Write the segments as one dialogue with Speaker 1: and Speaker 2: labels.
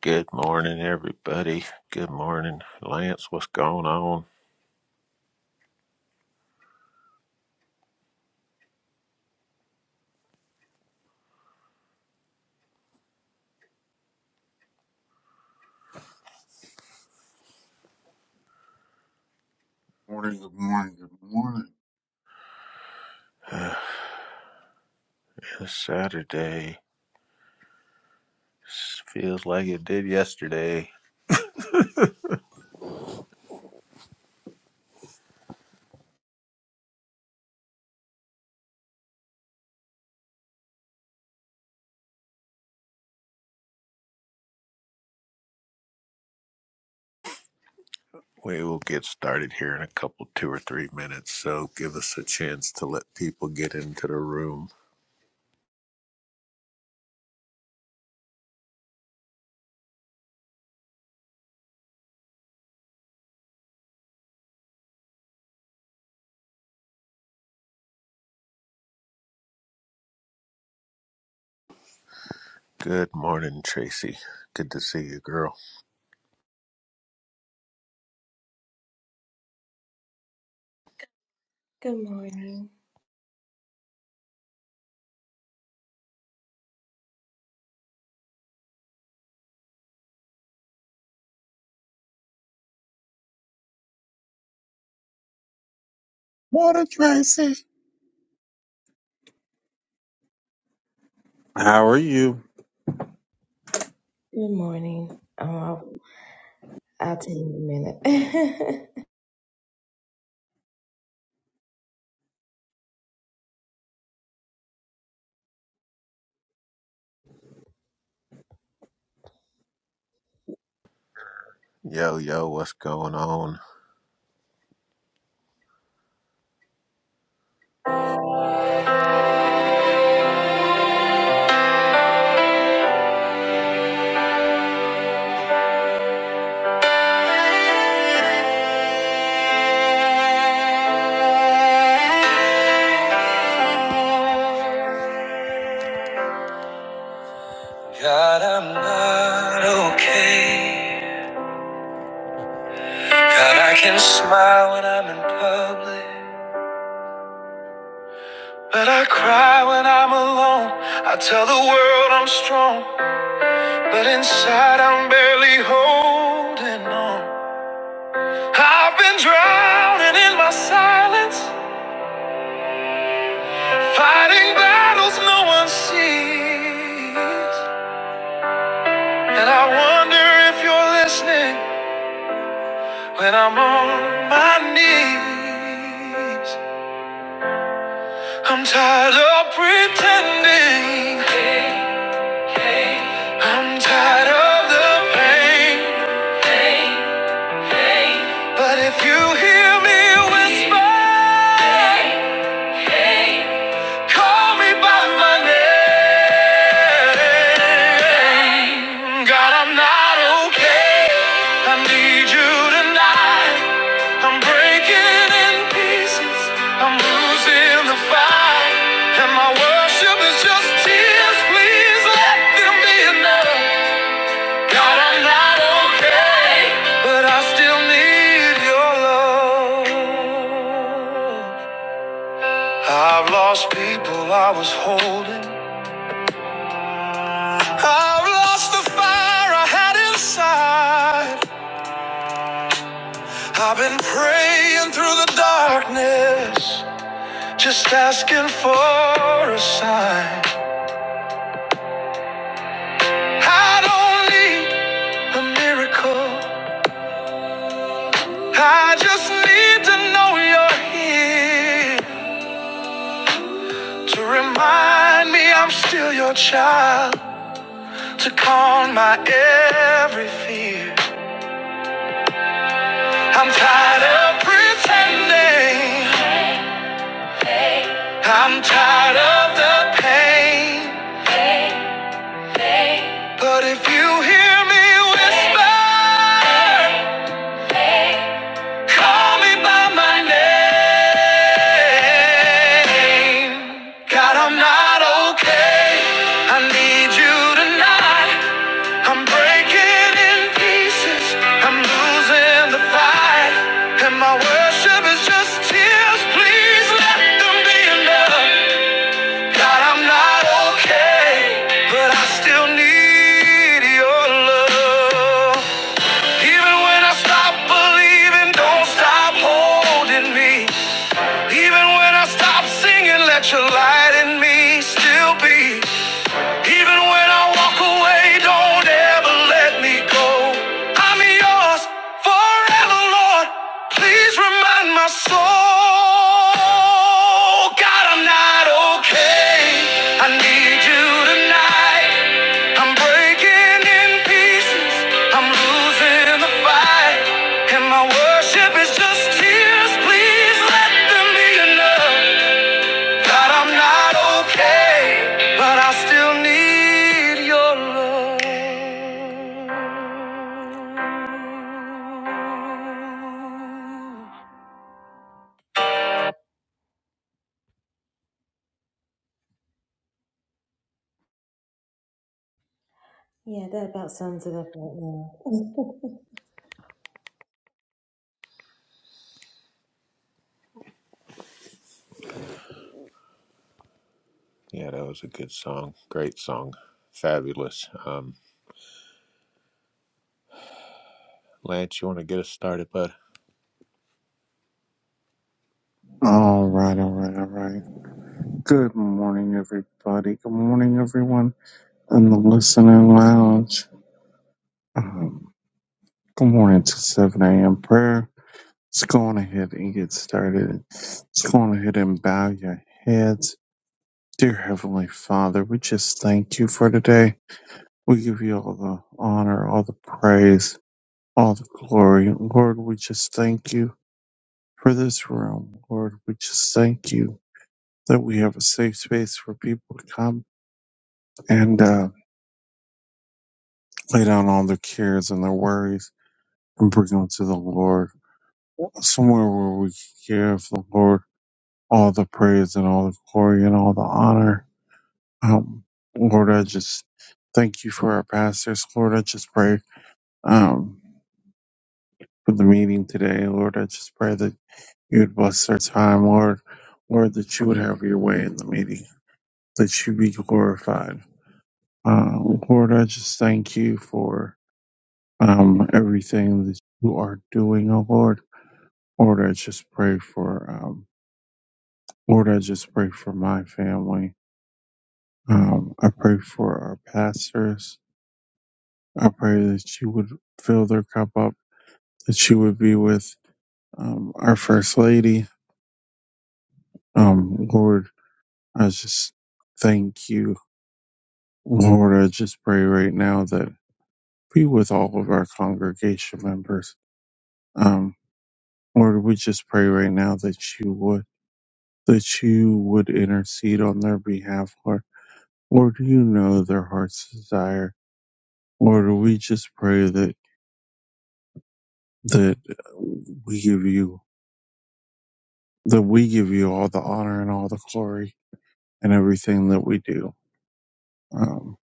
Speaker 1: Good morning, everybody. Good morning, Lance. What's going on?
Speaker 2: Morning, good morning, good morning.
Speaker 1: Uh, It's Saturday S- feels like it did yesterday. We will get started here in a couple, two or three minutes. So give us a chance to let people get into the room. Good morning, Tracy. Good to see you, girl.
Speaker 2: Morning, Tracy.
Speaker 1: Yo, yo, what's going on?
Speaker 3: God, I'm not okay. God, I can smile when I'm in public. But I cry when I'm alone. I tell the world I'm strong. But inside, I'm barely holding on. I've been drowning in my silence. Fighting battles no one sees. And I wonder if you're listening when I'm on my knees. I'm tired of pretending. I'm tired of the pain. But if you hear me whisper. Call me by my name. God, I'm not okay. I need you tonight. I'm breaking in pieces. I'm losing the fight. And my worship is just tears. Please let them be enough. God, I'm not okay. But I still need your love. I've lost people I was holding. I've lost the fire I had inside. I've been praying through the darkness, just asking for a sign. I don't need a miracle. I just need to know you're here to remind me I'm still your child, to calm my every fear. I'm tired of pretending. I'm tired of the pain, but if you hear me whisper, call me by my name. God, I'm not okay. I need you tonight. I'm breaking in pieces. I'm losing the fight, and my worship is just tears. Please let them be enough. God, I'm not okay, but I still need your love. Even when I stop believing, don't stop holding me. Even when I stop singing, let your light in me still be. Even when I walk away, don't ever let me go. I'm yours forever, Lord. Please remind my soul. God, I'm not okay. I need you tonight. I'm breaking in pieces. I'm losing the fight. And my worship is just tears. Please let them be enough. God, I'm not okay, but I still need your love.
Speaker 1: Yeah, that was a good song. Great song. Fabulous. Um, Lance, you want to get us started, bud?
Speaker 2: All right, all right, all right. Good morning, everybody. Good morning, everyone in the listening lounge. Um, good morning to 7 a.m. prayer. Let's go on ahead and get started. Let's go on ahead and bow your heads. Dear Heavenly Father, we just thank you for today. We give you all the honor, all the praise, all the glory. Lord, we just thank you. for this room, Lord. We just thank you that we have a safe space for people to come and uh, lay down all their cares and their worries and bring them to the Lord. Somewhere where we can give the Lord all the praise and all the glory and all the honor. Um, Lord, I just thank you for our pastors. Lord, I just pray um, for the meeting today. Lord, I just pray that you would bless our time, Lord. Lord, that you would have your way in the meeting that you be glorified. Uh, Lord, I just thank you for um, everything that you are doing, oh Lord. Lord, I just pray for, um, Lord, I just pray for my family. Um, I pray for our pastors. I pray that you would fill their cup up, that you would be with um, our First Lady. Um, Lord, I just thank you. Lord, I just pray right now that be with all of our congregation members. Um, Lord, we just pray right now that you would that you would intercede on their behalf, Lord. Lord, you know their heart's desire. Lord, we just pray that that we give you that we give you all the honor and all the glory and everything that we do. Um,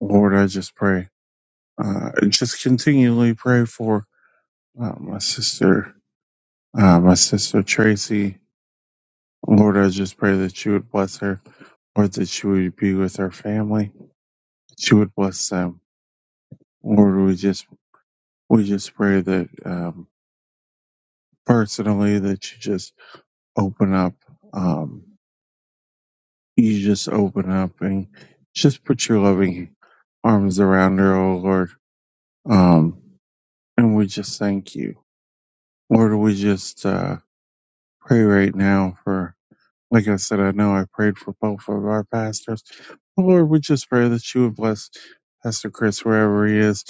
Speaker 2: Lord, I just pray. Uh, just continually pray for uh, my sister, uh, my sister Tracy. Lord, I just pray that you would bless her, Lord, that you would be with her family. she would bless them. Lord, we just we just pray that um, personally that you just open up, um, you just open up and just put your loving arms around her, oh Lord. Um, and we just thank you, Lord. We just uh, pray right now for, like I said, I know I prayed for both of our pastors. Lord, we just pray that you would bless Pastor Chris wherever he is.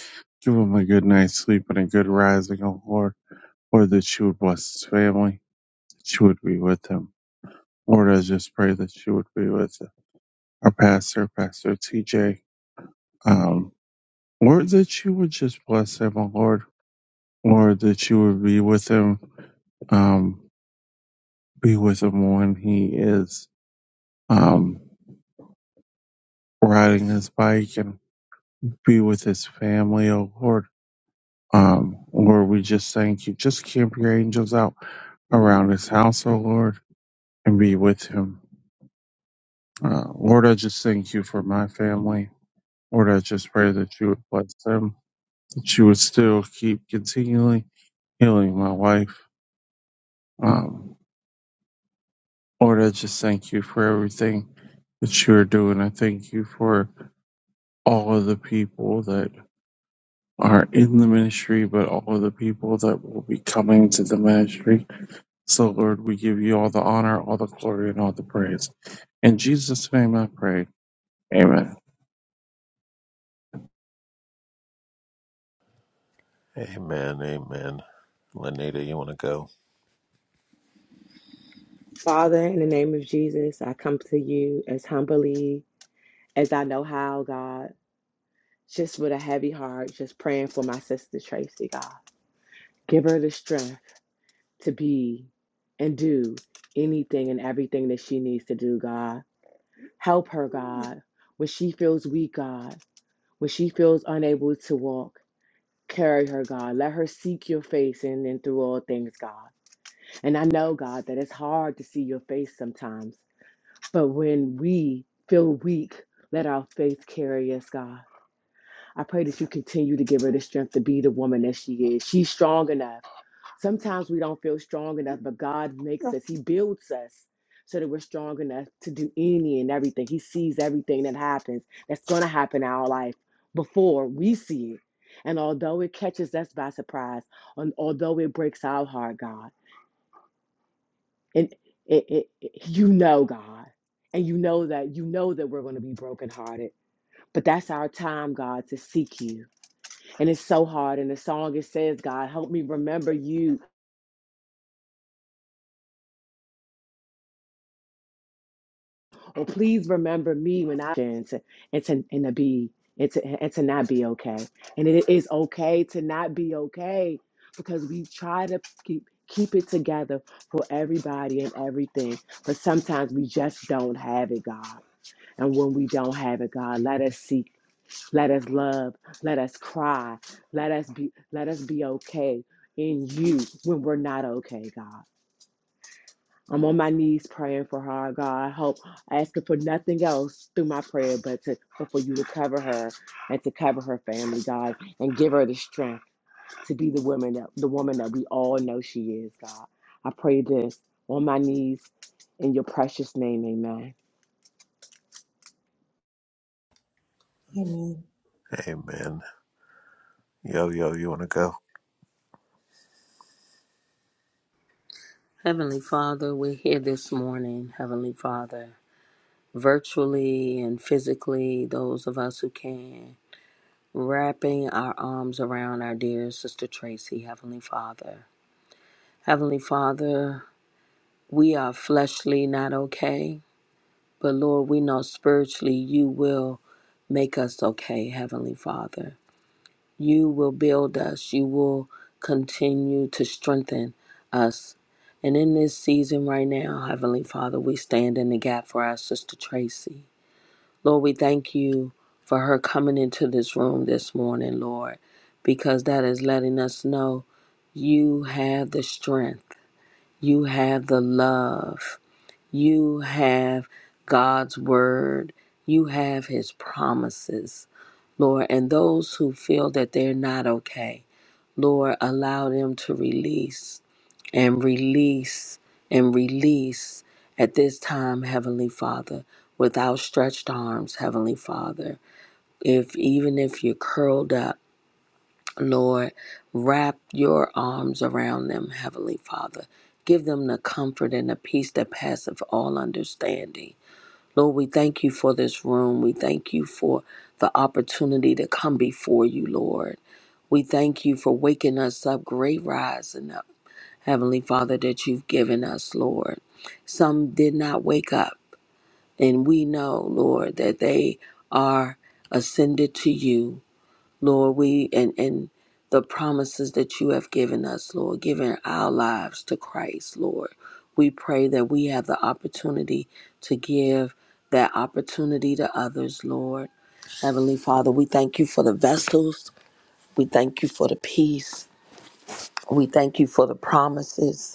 Speaker 2: Give him a good night's sleep and a good rising, oh Lord. or that she would bless his family, that she would be with him. Lord, I just pray that she would be with our pastor, Pastor TJ. Um, Lord, that you would just bless him, oh Lord. Lord, that you would be with him, um, be with him when he is um, riding his bike and be with his family, oh Lord. Um, Lord, we just thank you. Just camp your angels out around his house, oh Lord, and be with him. Uh, Lord, I just thank you for my family. Lord, I just pray that you would bless them, that you would still keep continually healing my wife. Um, Lord, I just thank you for everything that you are doing. I thank you for all of the people that are in the ministry, but all of the people that will be coming to the ministry. So, Lord, we give you all the honor, all the glory, and all the praise. In Jesus' name I pray. Amen.
Speaker 1: Amen, amen. Lenita, you want to go?
Speaker 4: Father, in the name of Jesus, I come to you as humbly as I know how, God, just with a heavy heart, just praying for my sister Tracy, God. Give her the strength to be and do anything and everything that she needs to do, God. Help her, God. When she feels weak, God, when she feels unable to walk, carry her, God. Let her seek your face in and through all things, God. And I know, God, that it's hard to see your face sometimes. But when we feel weak, let our faith carry us, God. I pray that you continue to give her the strength to be the woman that she is. She's strong enough. Sometimes we don't feel strong enough, but God makes us, He builds us so that we're strong enough to do any and everything. He sees everything that happens that's going to happen in our life before we see it. And although it catches us by surprise, and although it breaks our heart, God and it, it, it- you know god and you know that you know that we're going to be brokenhearted but that's our time god to seek you and it's so hard And the song it says god help me remember you or please remember me when i and to and to, and to be and to, and to not be okay and it is okay to not be okay because we try to keep keep it together for everybody and everything but sometimes we just don't have it god and when we don't have it, God, let us seek Let us love. Let us cry. Let us be let us be okay in you when we're not okay, God. I'm on my knees praying for her, God. I hope asking for nothing else through my prayer but to but for you to cover her and to cover her family, God, and give her the strength to be the woman that the woman that we all know she is, God. I pray this on my knees in your precious name, amen.
Speaker 1: Amen. Yo, yo, you want to go?
Speaker 5: Heavenly Father, we're here this morning, Heavenly Father, virtually and physically, those of us who can, wrapping our arms around our dear Sister Tracy, Heavenly Father. Heavenly Father, we are fleshly not okay, but Lord, we know spiritually you will make us okay, Heavenly Father. You will build us. You will continue to strengthen us. And in this season right now, Heavenly Father, we stand in the gap for our sister Tracy. Lord, we thank you for her coming into this room this morning, Lord, because that is letting us know you have the strength, you have the love, you have God's word, you have his promises, Lord. And those who feel that they're not okay, Lord, allow them to release and release and release at this time, Heavenly Father, with outstretched arms, Heavenly Father. If even if you're curled up, Lord, wrap your arms around them, Heavenly Father. Give them the comfort and the peace that passeth all understanding. Lord, we thank you for this room. We thank you for the opportunity to come before you, Lord. We thank you for waking us up, great rising up. Heavenly Father, that you've given us, Lord. Some did not wake up, and we know, Lord, that they are ascended to you, Lord. We and and the promises that you have given us, Lord, giving our lives to Christ, Lord. We pray that we have the opportunity to give that opportunity to others, Lord. Heavenly Father, we thank you for the vessels. We thank you for the peace. We thank you for the promises.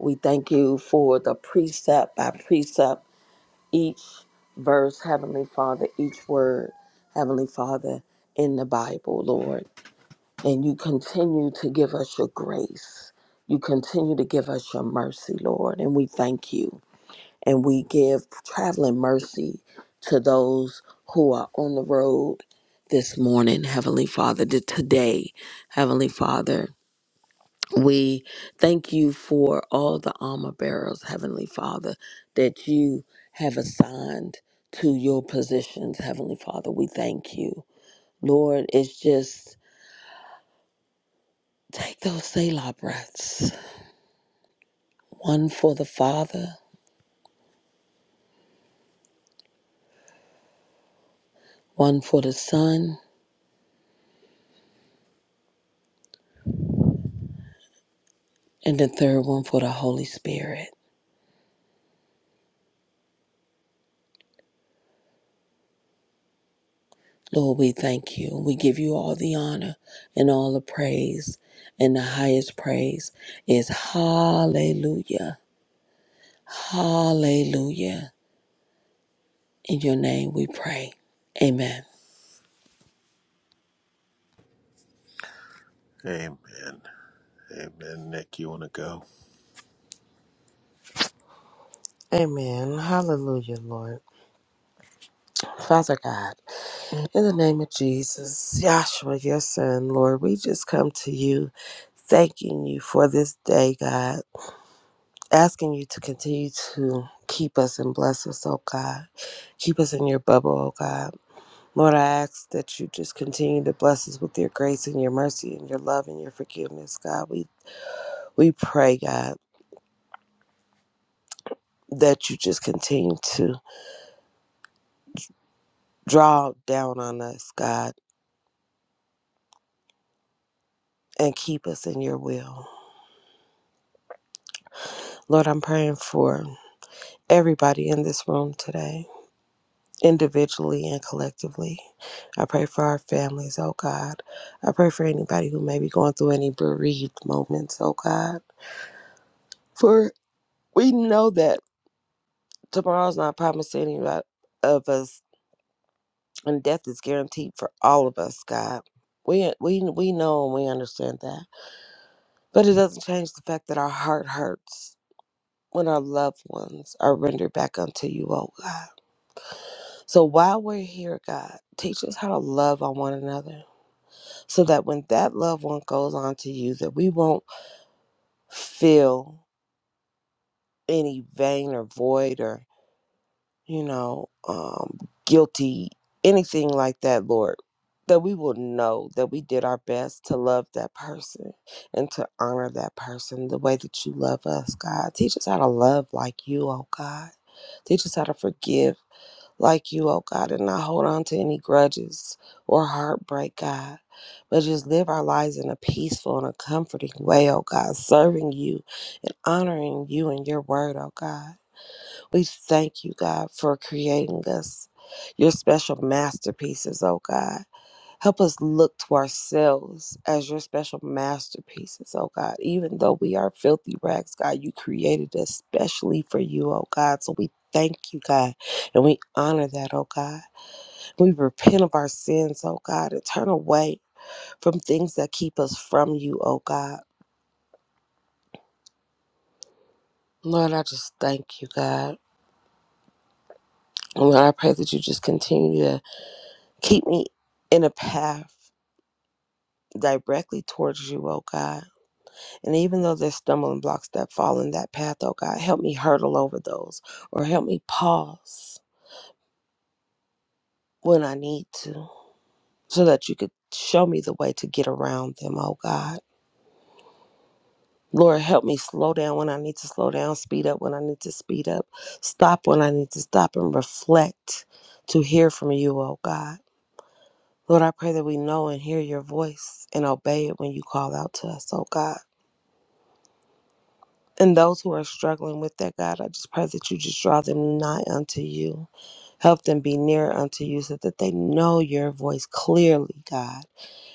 Speaker 5: We thank you for the precept by precept, each verse, Heavenly Father, each word, Heavenly Father, in the Bible, Lord. And you continue to give us your grace. You continue to give us your mercy, Lord. And we thank you. And we give traveling mercy to those who are on the road this morning, Heavenly Father, to today, Heavenly Father. We thank you for all the armor bearers, Heavenly Father, that you have assigned to your positions, Heavenly Father. We thank you. Lord, it's just take those Selah breaths one for the Father, one for the Son, and the third one for the Holy Spirit. Lord, we thank you. We give you all the honor and all the praise. And the highest praise is hallelujah. Hallelujah. In your name we pray. Amen.
Speaker 1: Amen. Amen. Nick, you want to go?
Speaker 6: Amen. Hallelujah, Lord. Father God, in the name of Jesus, Joshua, your son, Lord, we just come to you thanking you for this day, God, asking you to continue to keep us and bless us, oh God. Keep us in your bubble, oh God. Lord, I ask that you just continue to bless us with your grace and your mercy and your love and your forgiveness, God. We we pray, God, that you just continue to draw down on us, God, and keep us in your will. Lord, I'm praying for everybody in this room today, individually and collectively. I pray for our families, oh God. I pray for anybody who may be going through any bereaved moments, oh God. For we know that tomorrow's not promised to any of of us, and death is guaranteed for all of us, God. We, we, we know and we understand that. But it doesn't change the fact that our heart hurts when our loved ones are rendered back unto you, oh God. So while we're here, God, teach us how to love on one another so that when that loved one goes on to you, that we won't feel any vain or void or, you know, um, guilty, anything like that, Lord. That we will know that we did our best to love that person and to honor that person the way that you love us, God. Teach us how to love like you, oh God. Teach us how to forgive like you, oh God, and not hold on to any grudges or heartbreak, God, but just live our lives in a peaceful and a comforting way, oh God, serving you and honoring you and your word, oh God. We thank you, God, for creating us your special masterpieces, oh God. Help us look to ourselves as your special masterpieces, oh God. Even though we are filthy rags, God, you created us specially for you, oh God. So we thank you, God, and we honor that, oh God. We repent of our sins, oh God, and turn away from things that keep us from you, oh God. Lord, I just thank you, God. And Lord, I pray that you just continue to keep me in a path directly towards you, oh God And even though there's stumbling blocks that fall in that path, oh God, help me hurdle over those or help me pause when I need to so that you could show me the way to get around them, oh God. Lord, help me slow down when I need to slow down, speed up when I need to speed up, stop when I need to stop, and reflect to hear from you, oh God. Lord, I pray that we know and hear your voice and obey it when you call out to us, oh God. And those who are struggling with that, God, I just pray that you just draw them nigh unto you. Help them be near unto you so that they know your voice clearly, God,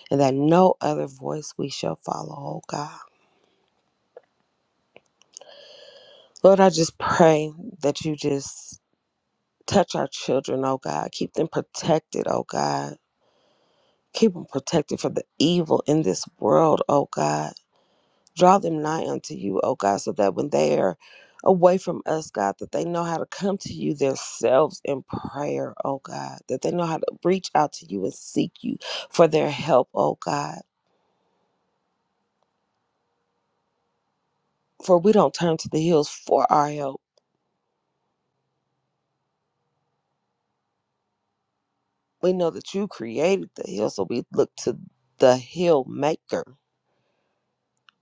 Speaker 6: and that no other voice we shall follow, oh God. Lord, I just pray that you just touch our children, oh God. Keep them protected, oh God. Keep them protected from the evil in this world, oh God. Draw them nigh unto you, O God, so that when they are away from us, God, that they know how to come to you themselves in prayer, O God, that they know how to reach out to you and seek you for their help, O God. For we don't turn to the hills for our help. We know that you created the hill, so we look to the hill maker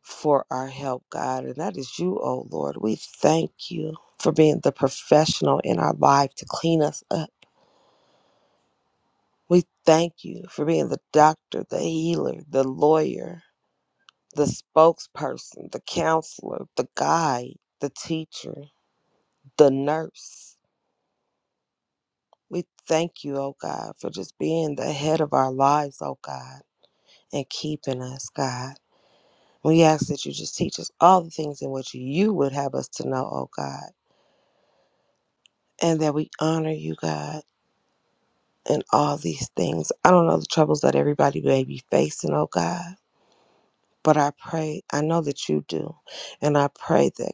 Speaker 6: for our help, God. And that is you, O Lord. We thank you for being the professional in our life to clean us up We thank you for being the doctor, the healer, the lawyer, the spokesperson, the counselor, the guide, the teacher, the nurse. We thank you, oh God, for just being the head of our lives, oh God, and keeping us, God. We ask that you just teach us all the things in which you would have us to know, oh God, and that we honor you, God, in all these things. I don't know the troubles that everybody may be facing, oh God. But I pray, I know that you do. And I pray that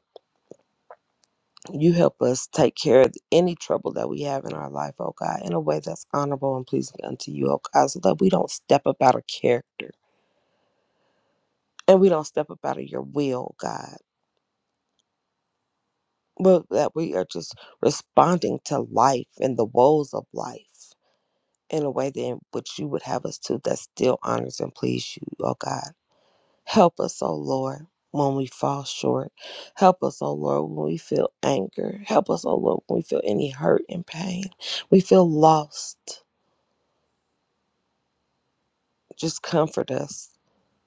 Speaker 6: you help us take care of any trouble that we have in our life, oh God, in a way that's honorable and pleasing unto you, oh God, so that we don't step up out of character and we don't step up out of your will, God, but that we are just responding to life and the woes of life in a way that in which you would have us to that still honors and please you, oh God. Help us, O Lord, when we fall short. Help us, O Lord, when we feel anger. Help us, O Lord, when we feel any hurt and pain. We feel lost. Just comfort us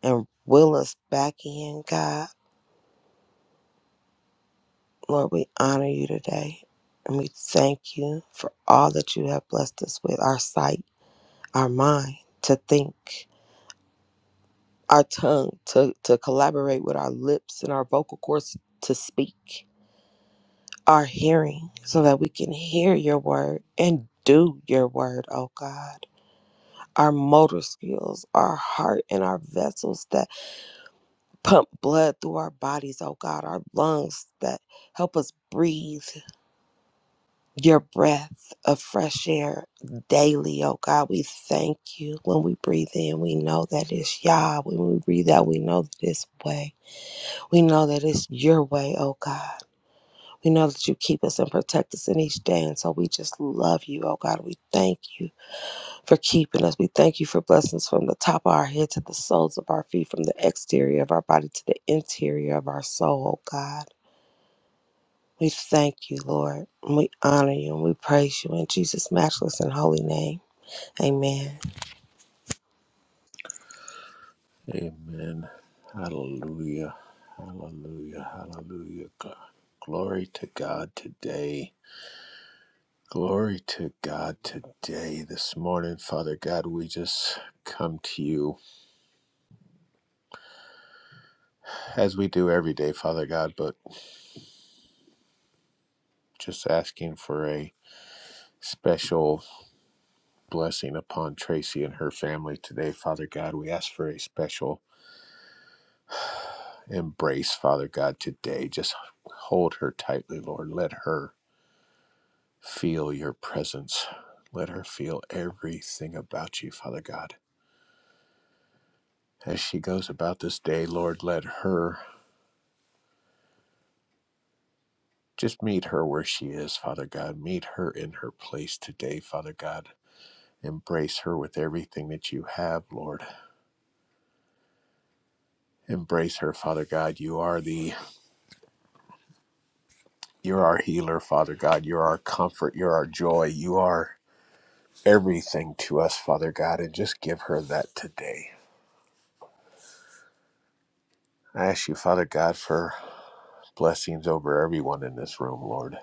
Speaker 6: and will us back in, God. Lord, we honor you today. And we thank you for all that you have blessed us with our sight, our mind to think, our tongue to, to collaborate with our lips and our vocal cords to speak. our hearing so that we can hear your word and do your word, oh God. Our motor skills, our heart, and our vessels that pump blood through our bodies, oh God. Our lungs that help us breathe your breath of fresh air daily, oh God. We thank you when we breathe in. We know that it's Yah. When we breathe out, we know that it's way. We know that it's your way, oh God. We know that you keep us and protect us in each day. And so we just love you, oh God. We thank you for keeping us. We thank you for blessings from the top of our head to the soles of our feet, from the exterior of our body to the interior of our soul, oh God. We thank you, Lord. And we honor you and we praise you in Jesus' matchless and holy name. Amen.
Speaker 1: Amen. Hallelujah. Hallelujah. Hallelujah. Gl- Glory to God today. Glory to God today. This morning, Father God, we just come to you as we do every day, Father God, but just asking for a special blessing upon Tracy and her family today, Father God. We ask for a special embrace, Father God, today. Just hold her tightly, Lord. Let her feel your presence. Let her feel everything about you, Father God. As she goes about this day, Lord, let her just meet her where she is, Father God. Meet her in her place today, Father God. Embrace her with everything that you have, Lord. Embrace her, Father God. You are the you're our healer, Father God. You're our comfort. You're our joy. You are. everything to us, Father God, and just give her that today. I ask you, Father God, for blessings over everyone in this room, Lord.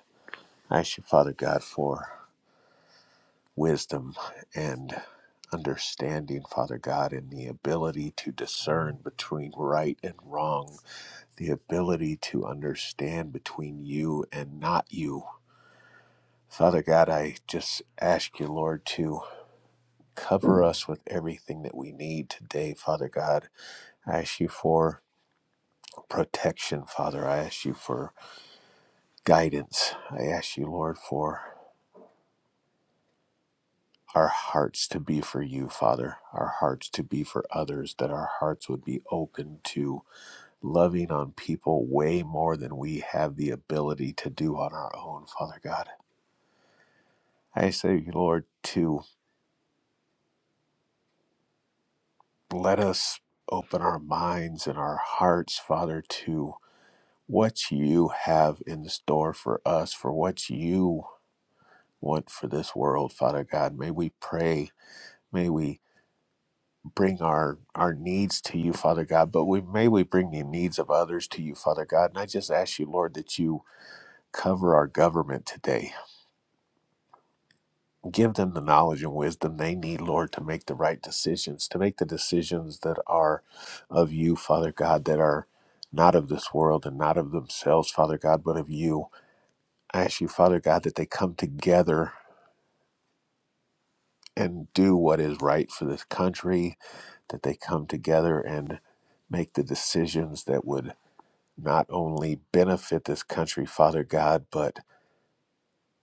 Speaker 1: I ask you, Father God, for wisdom and understanding, Father God, and the ability to discern between right and wrong, the ability to understand between you and not you. Father God, I just ask you, Lord, to cover us with everything that we need today, Father God. I ask you for protection, Father. I ask you for guidance. I ask you, Lord, for our hearts to be for you, Father, our hearts to be for others, that our hearts would be open to loving on people way more than we have the ability to do on our own, Father God. I say, Lord, to let us open our minds and our hearts, Father, to what you have in store for us, for what you want for this world, Father God. May we pray May we bring our, our needs to you, Father God, but we may we bring the needs of others to you, Father God. And I just ask you, Lord, that you cover our government today. Give them the knowledge and wisdom they need, Lord, to make the right decisions, to make the decisions that are of you, Father God, that are not of this world and not of themselves, Father God, but of you. I ask you, Father God, that they come together and do what is right for this country, that they come together and make the decisions that would not only benefit this country, Father God, but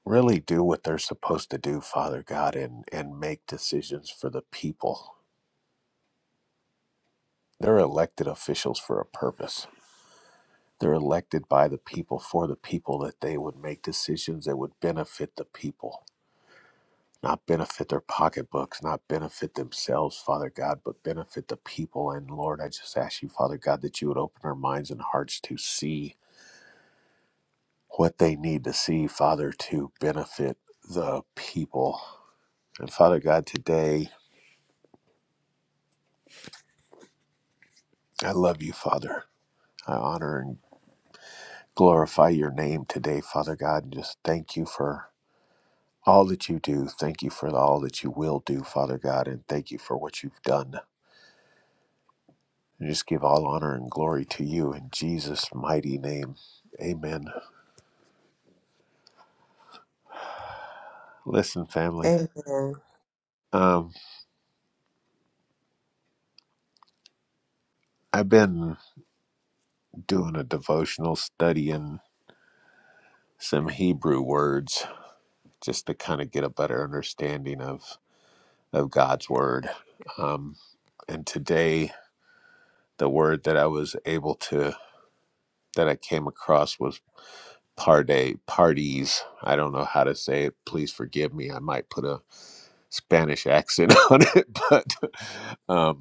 Speaker 1: really do what they're supposed to do, Father God, and, and make decisions for the people. They're elected officials for a purpose. They're elected by the people for the people that they would make decisions that would benefit the people. not benefit their pocketbooks, not benefit themselves, Father God, but benefit the people. And Lord, I just ask you, Father God, that you would open our minds and hearts to see what they need to see, Father, to benefit the people. And Father God, today, I love you, Father. I honor and glorify your name today, Father God, and just thank you for all that you do. Thank you for all that you will do, Father God, and thank you for what you've done. And just give all honor and glory to you in Jesus' mighty name. Amen. Listen, family,
Speaker 6: Amen.
Speaker 1: um, I've been doing a devotional studying some Hebrew words just to kind of get a better understanding of, of God's word. Um, and today, the word that I was able to, that I came across was parde, parties. I don't know how to say it. Please forgive me. I might put a Spanish accent on it, but um,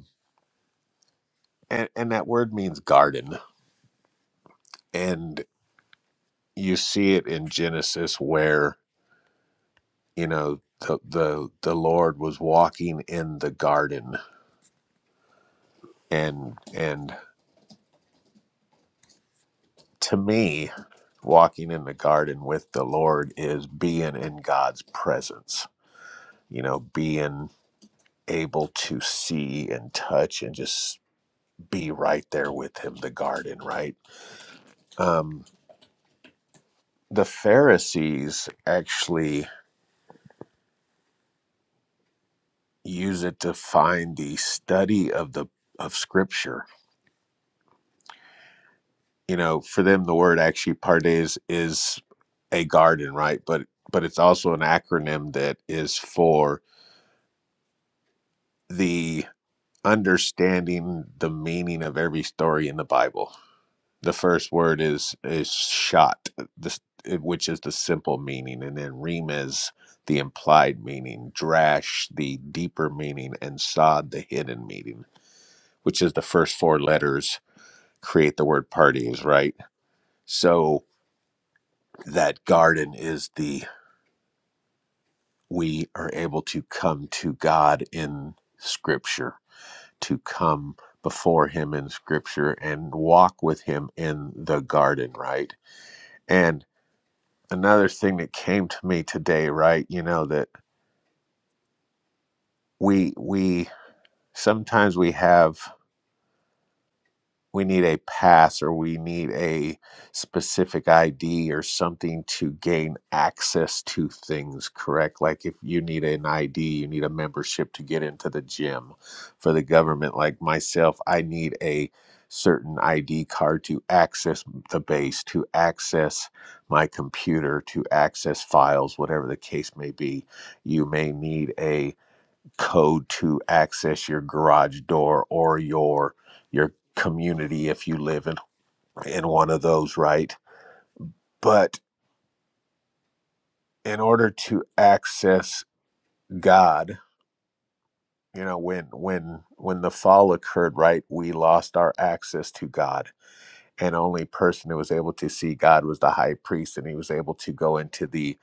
Speaker 1: and and that word means garden and you see it in genesis where you know the the, the lord was walking in the garden and and to me walking in the garden with the lord is being in god's presence you know being able to see and touch and just be right there with him the garden right um the pharisees actually use it to find the study of the of scripture you know for them the word actually pardes is a garden right but but it's also an acronym that is for the understanding the meaning of every story in the bible the first word is is shot this which is the simple meaning and then remes the implied meaning drash the deeper meaning and sod the hidden meaning which is the first four letters create the word parties, right? So that garden is the we are able to come to God in scripture, to come before him in scripture and walk with him in the garden, right? And another thing that came to me today, right, you know that we we sometimes we have we need a pass or we need a specific ID or something to gain access to things, correct? Like if you need an ID, you need a membership to get into the gym. For the government, like myself, I need a certain ID card to access the base, to access my computer, to access files, whatever the case may be. You may need a code to access your garage door or your your community if you live in in one of those right but in order to access god you know when when when the fall occurred right we lost our access to god and only person who was able to see god was the high priest and he was able to go into the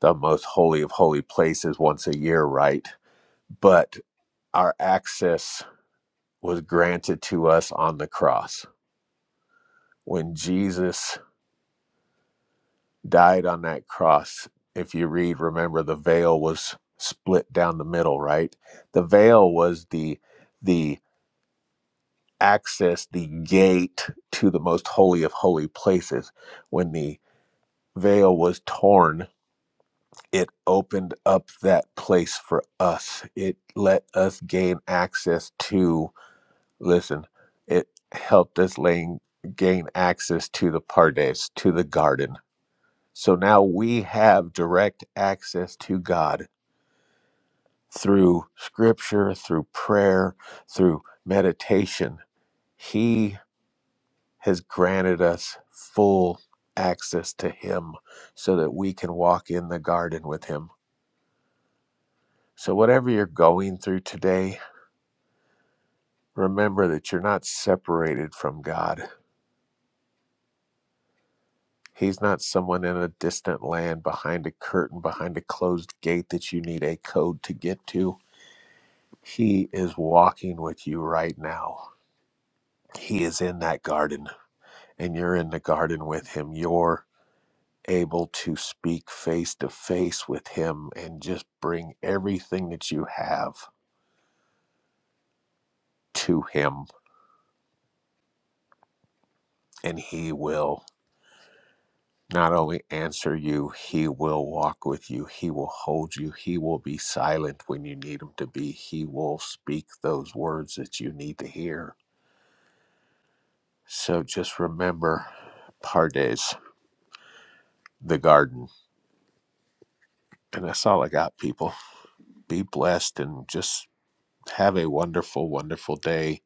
Speaker 1: the most holy of holy places once a year right but our access was granted to us on the cross when Jesus died on that cross, if you read, remember the veil was split down the middle, right? The veil was the the access, the gate to the most holy of holy places. When the veil was torn, it opened up that place for us. It let us gain access to listen, it helped us laying gain access to the pardes, to the garden So now we have direct access to God through scripture, through prayer, through meditation. He has granted us full access to Him so that we can walk in the garden with Him. So, whatever you're going through today, remember that you're not separated from God. He's not someone in a distant land behind a curtain, behind a closed gate that you need a code to get to. He is walking with you right now. He is in that garden, and you're in the garden with him. You're able to speak face to face with him and just bring everything that you have to him, and he will. Not only answer you, he will walk with you. He will hold you. He will be silent when you need him to be. He will speak those words that you need to hear. So just remember Pardes, the garden. And that's all I got, people. Be blessed and just have a wonderful, wonderful day.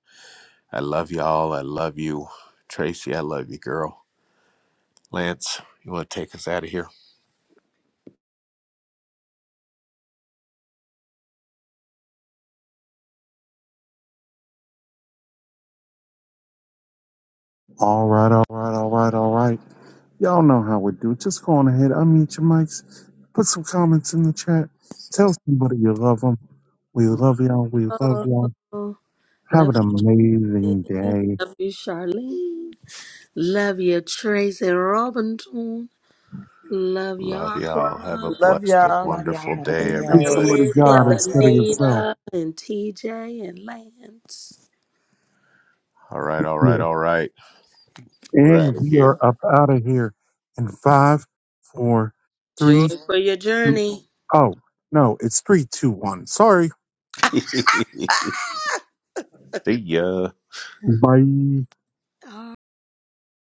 Speaker 1: I love y'all. I love you. Tracy, I love you, girl. Lance, you want to take us out of here?
Speaker 2: All right, all right, all right, all right. Y'all know how we do. Just go on ahead, unmute your mics, put some comments in the chat, tell somebody you love them. We love y'all. We love
Speaker 5: Oh,
Speaker 2: y'all. Have
Speaker 5: love
Speaker 2: an
Speaker 5: you,
Speaker 2: amazing day.
Speaker 5: love you, Charlene. Love you, Tracy Robinson. Love you,
Speaker 1: Love y'all. Have a
Speaker 5: Aqua,
Speaker 6: Love
Speaker 1: blessed and
Speaker 6: y'all.
Speaker 4: Love y'all.
Speaker 1: wonderful
Speaker 4: Have a
Speaker 1: day,
Speaker 4: great
Speaker 6: Have
Speaker 2: Give
Speaker 6: a
Speaker 4: day.
Speaker 2: somebody
Speaker 1: everybody.
Speaker 5: Nick,
Speaker 4: Be
Speaker 2: God
Speaker 5: and
Speaker 6: blessed
Speaker 4: blessed.
Speaker 2: instead of
Speaker 6: day.
Speaker 2: yourself.
Speaker 5: Anita, and TJ, and Lance.
Speaker 1: All right, all right,
Speaker 2: Yeah.
Speaker 1: all right. We're out
Speaker 2: And
Speaker 1: of
Speaker 2: we
Speaker 1: here.
Speaker 2: are up out of here in five, four,
Speaker 5: Joy
Speaker 2: three,
Speaker 5: for your
Speaker 2: two.
Speaker 5: journey.
Speaker 2: Oh, no, it's three, two, one. Sorry.
Speaker 1: See ya.
Speaker 2: Bye.
Speaker 5: Ah!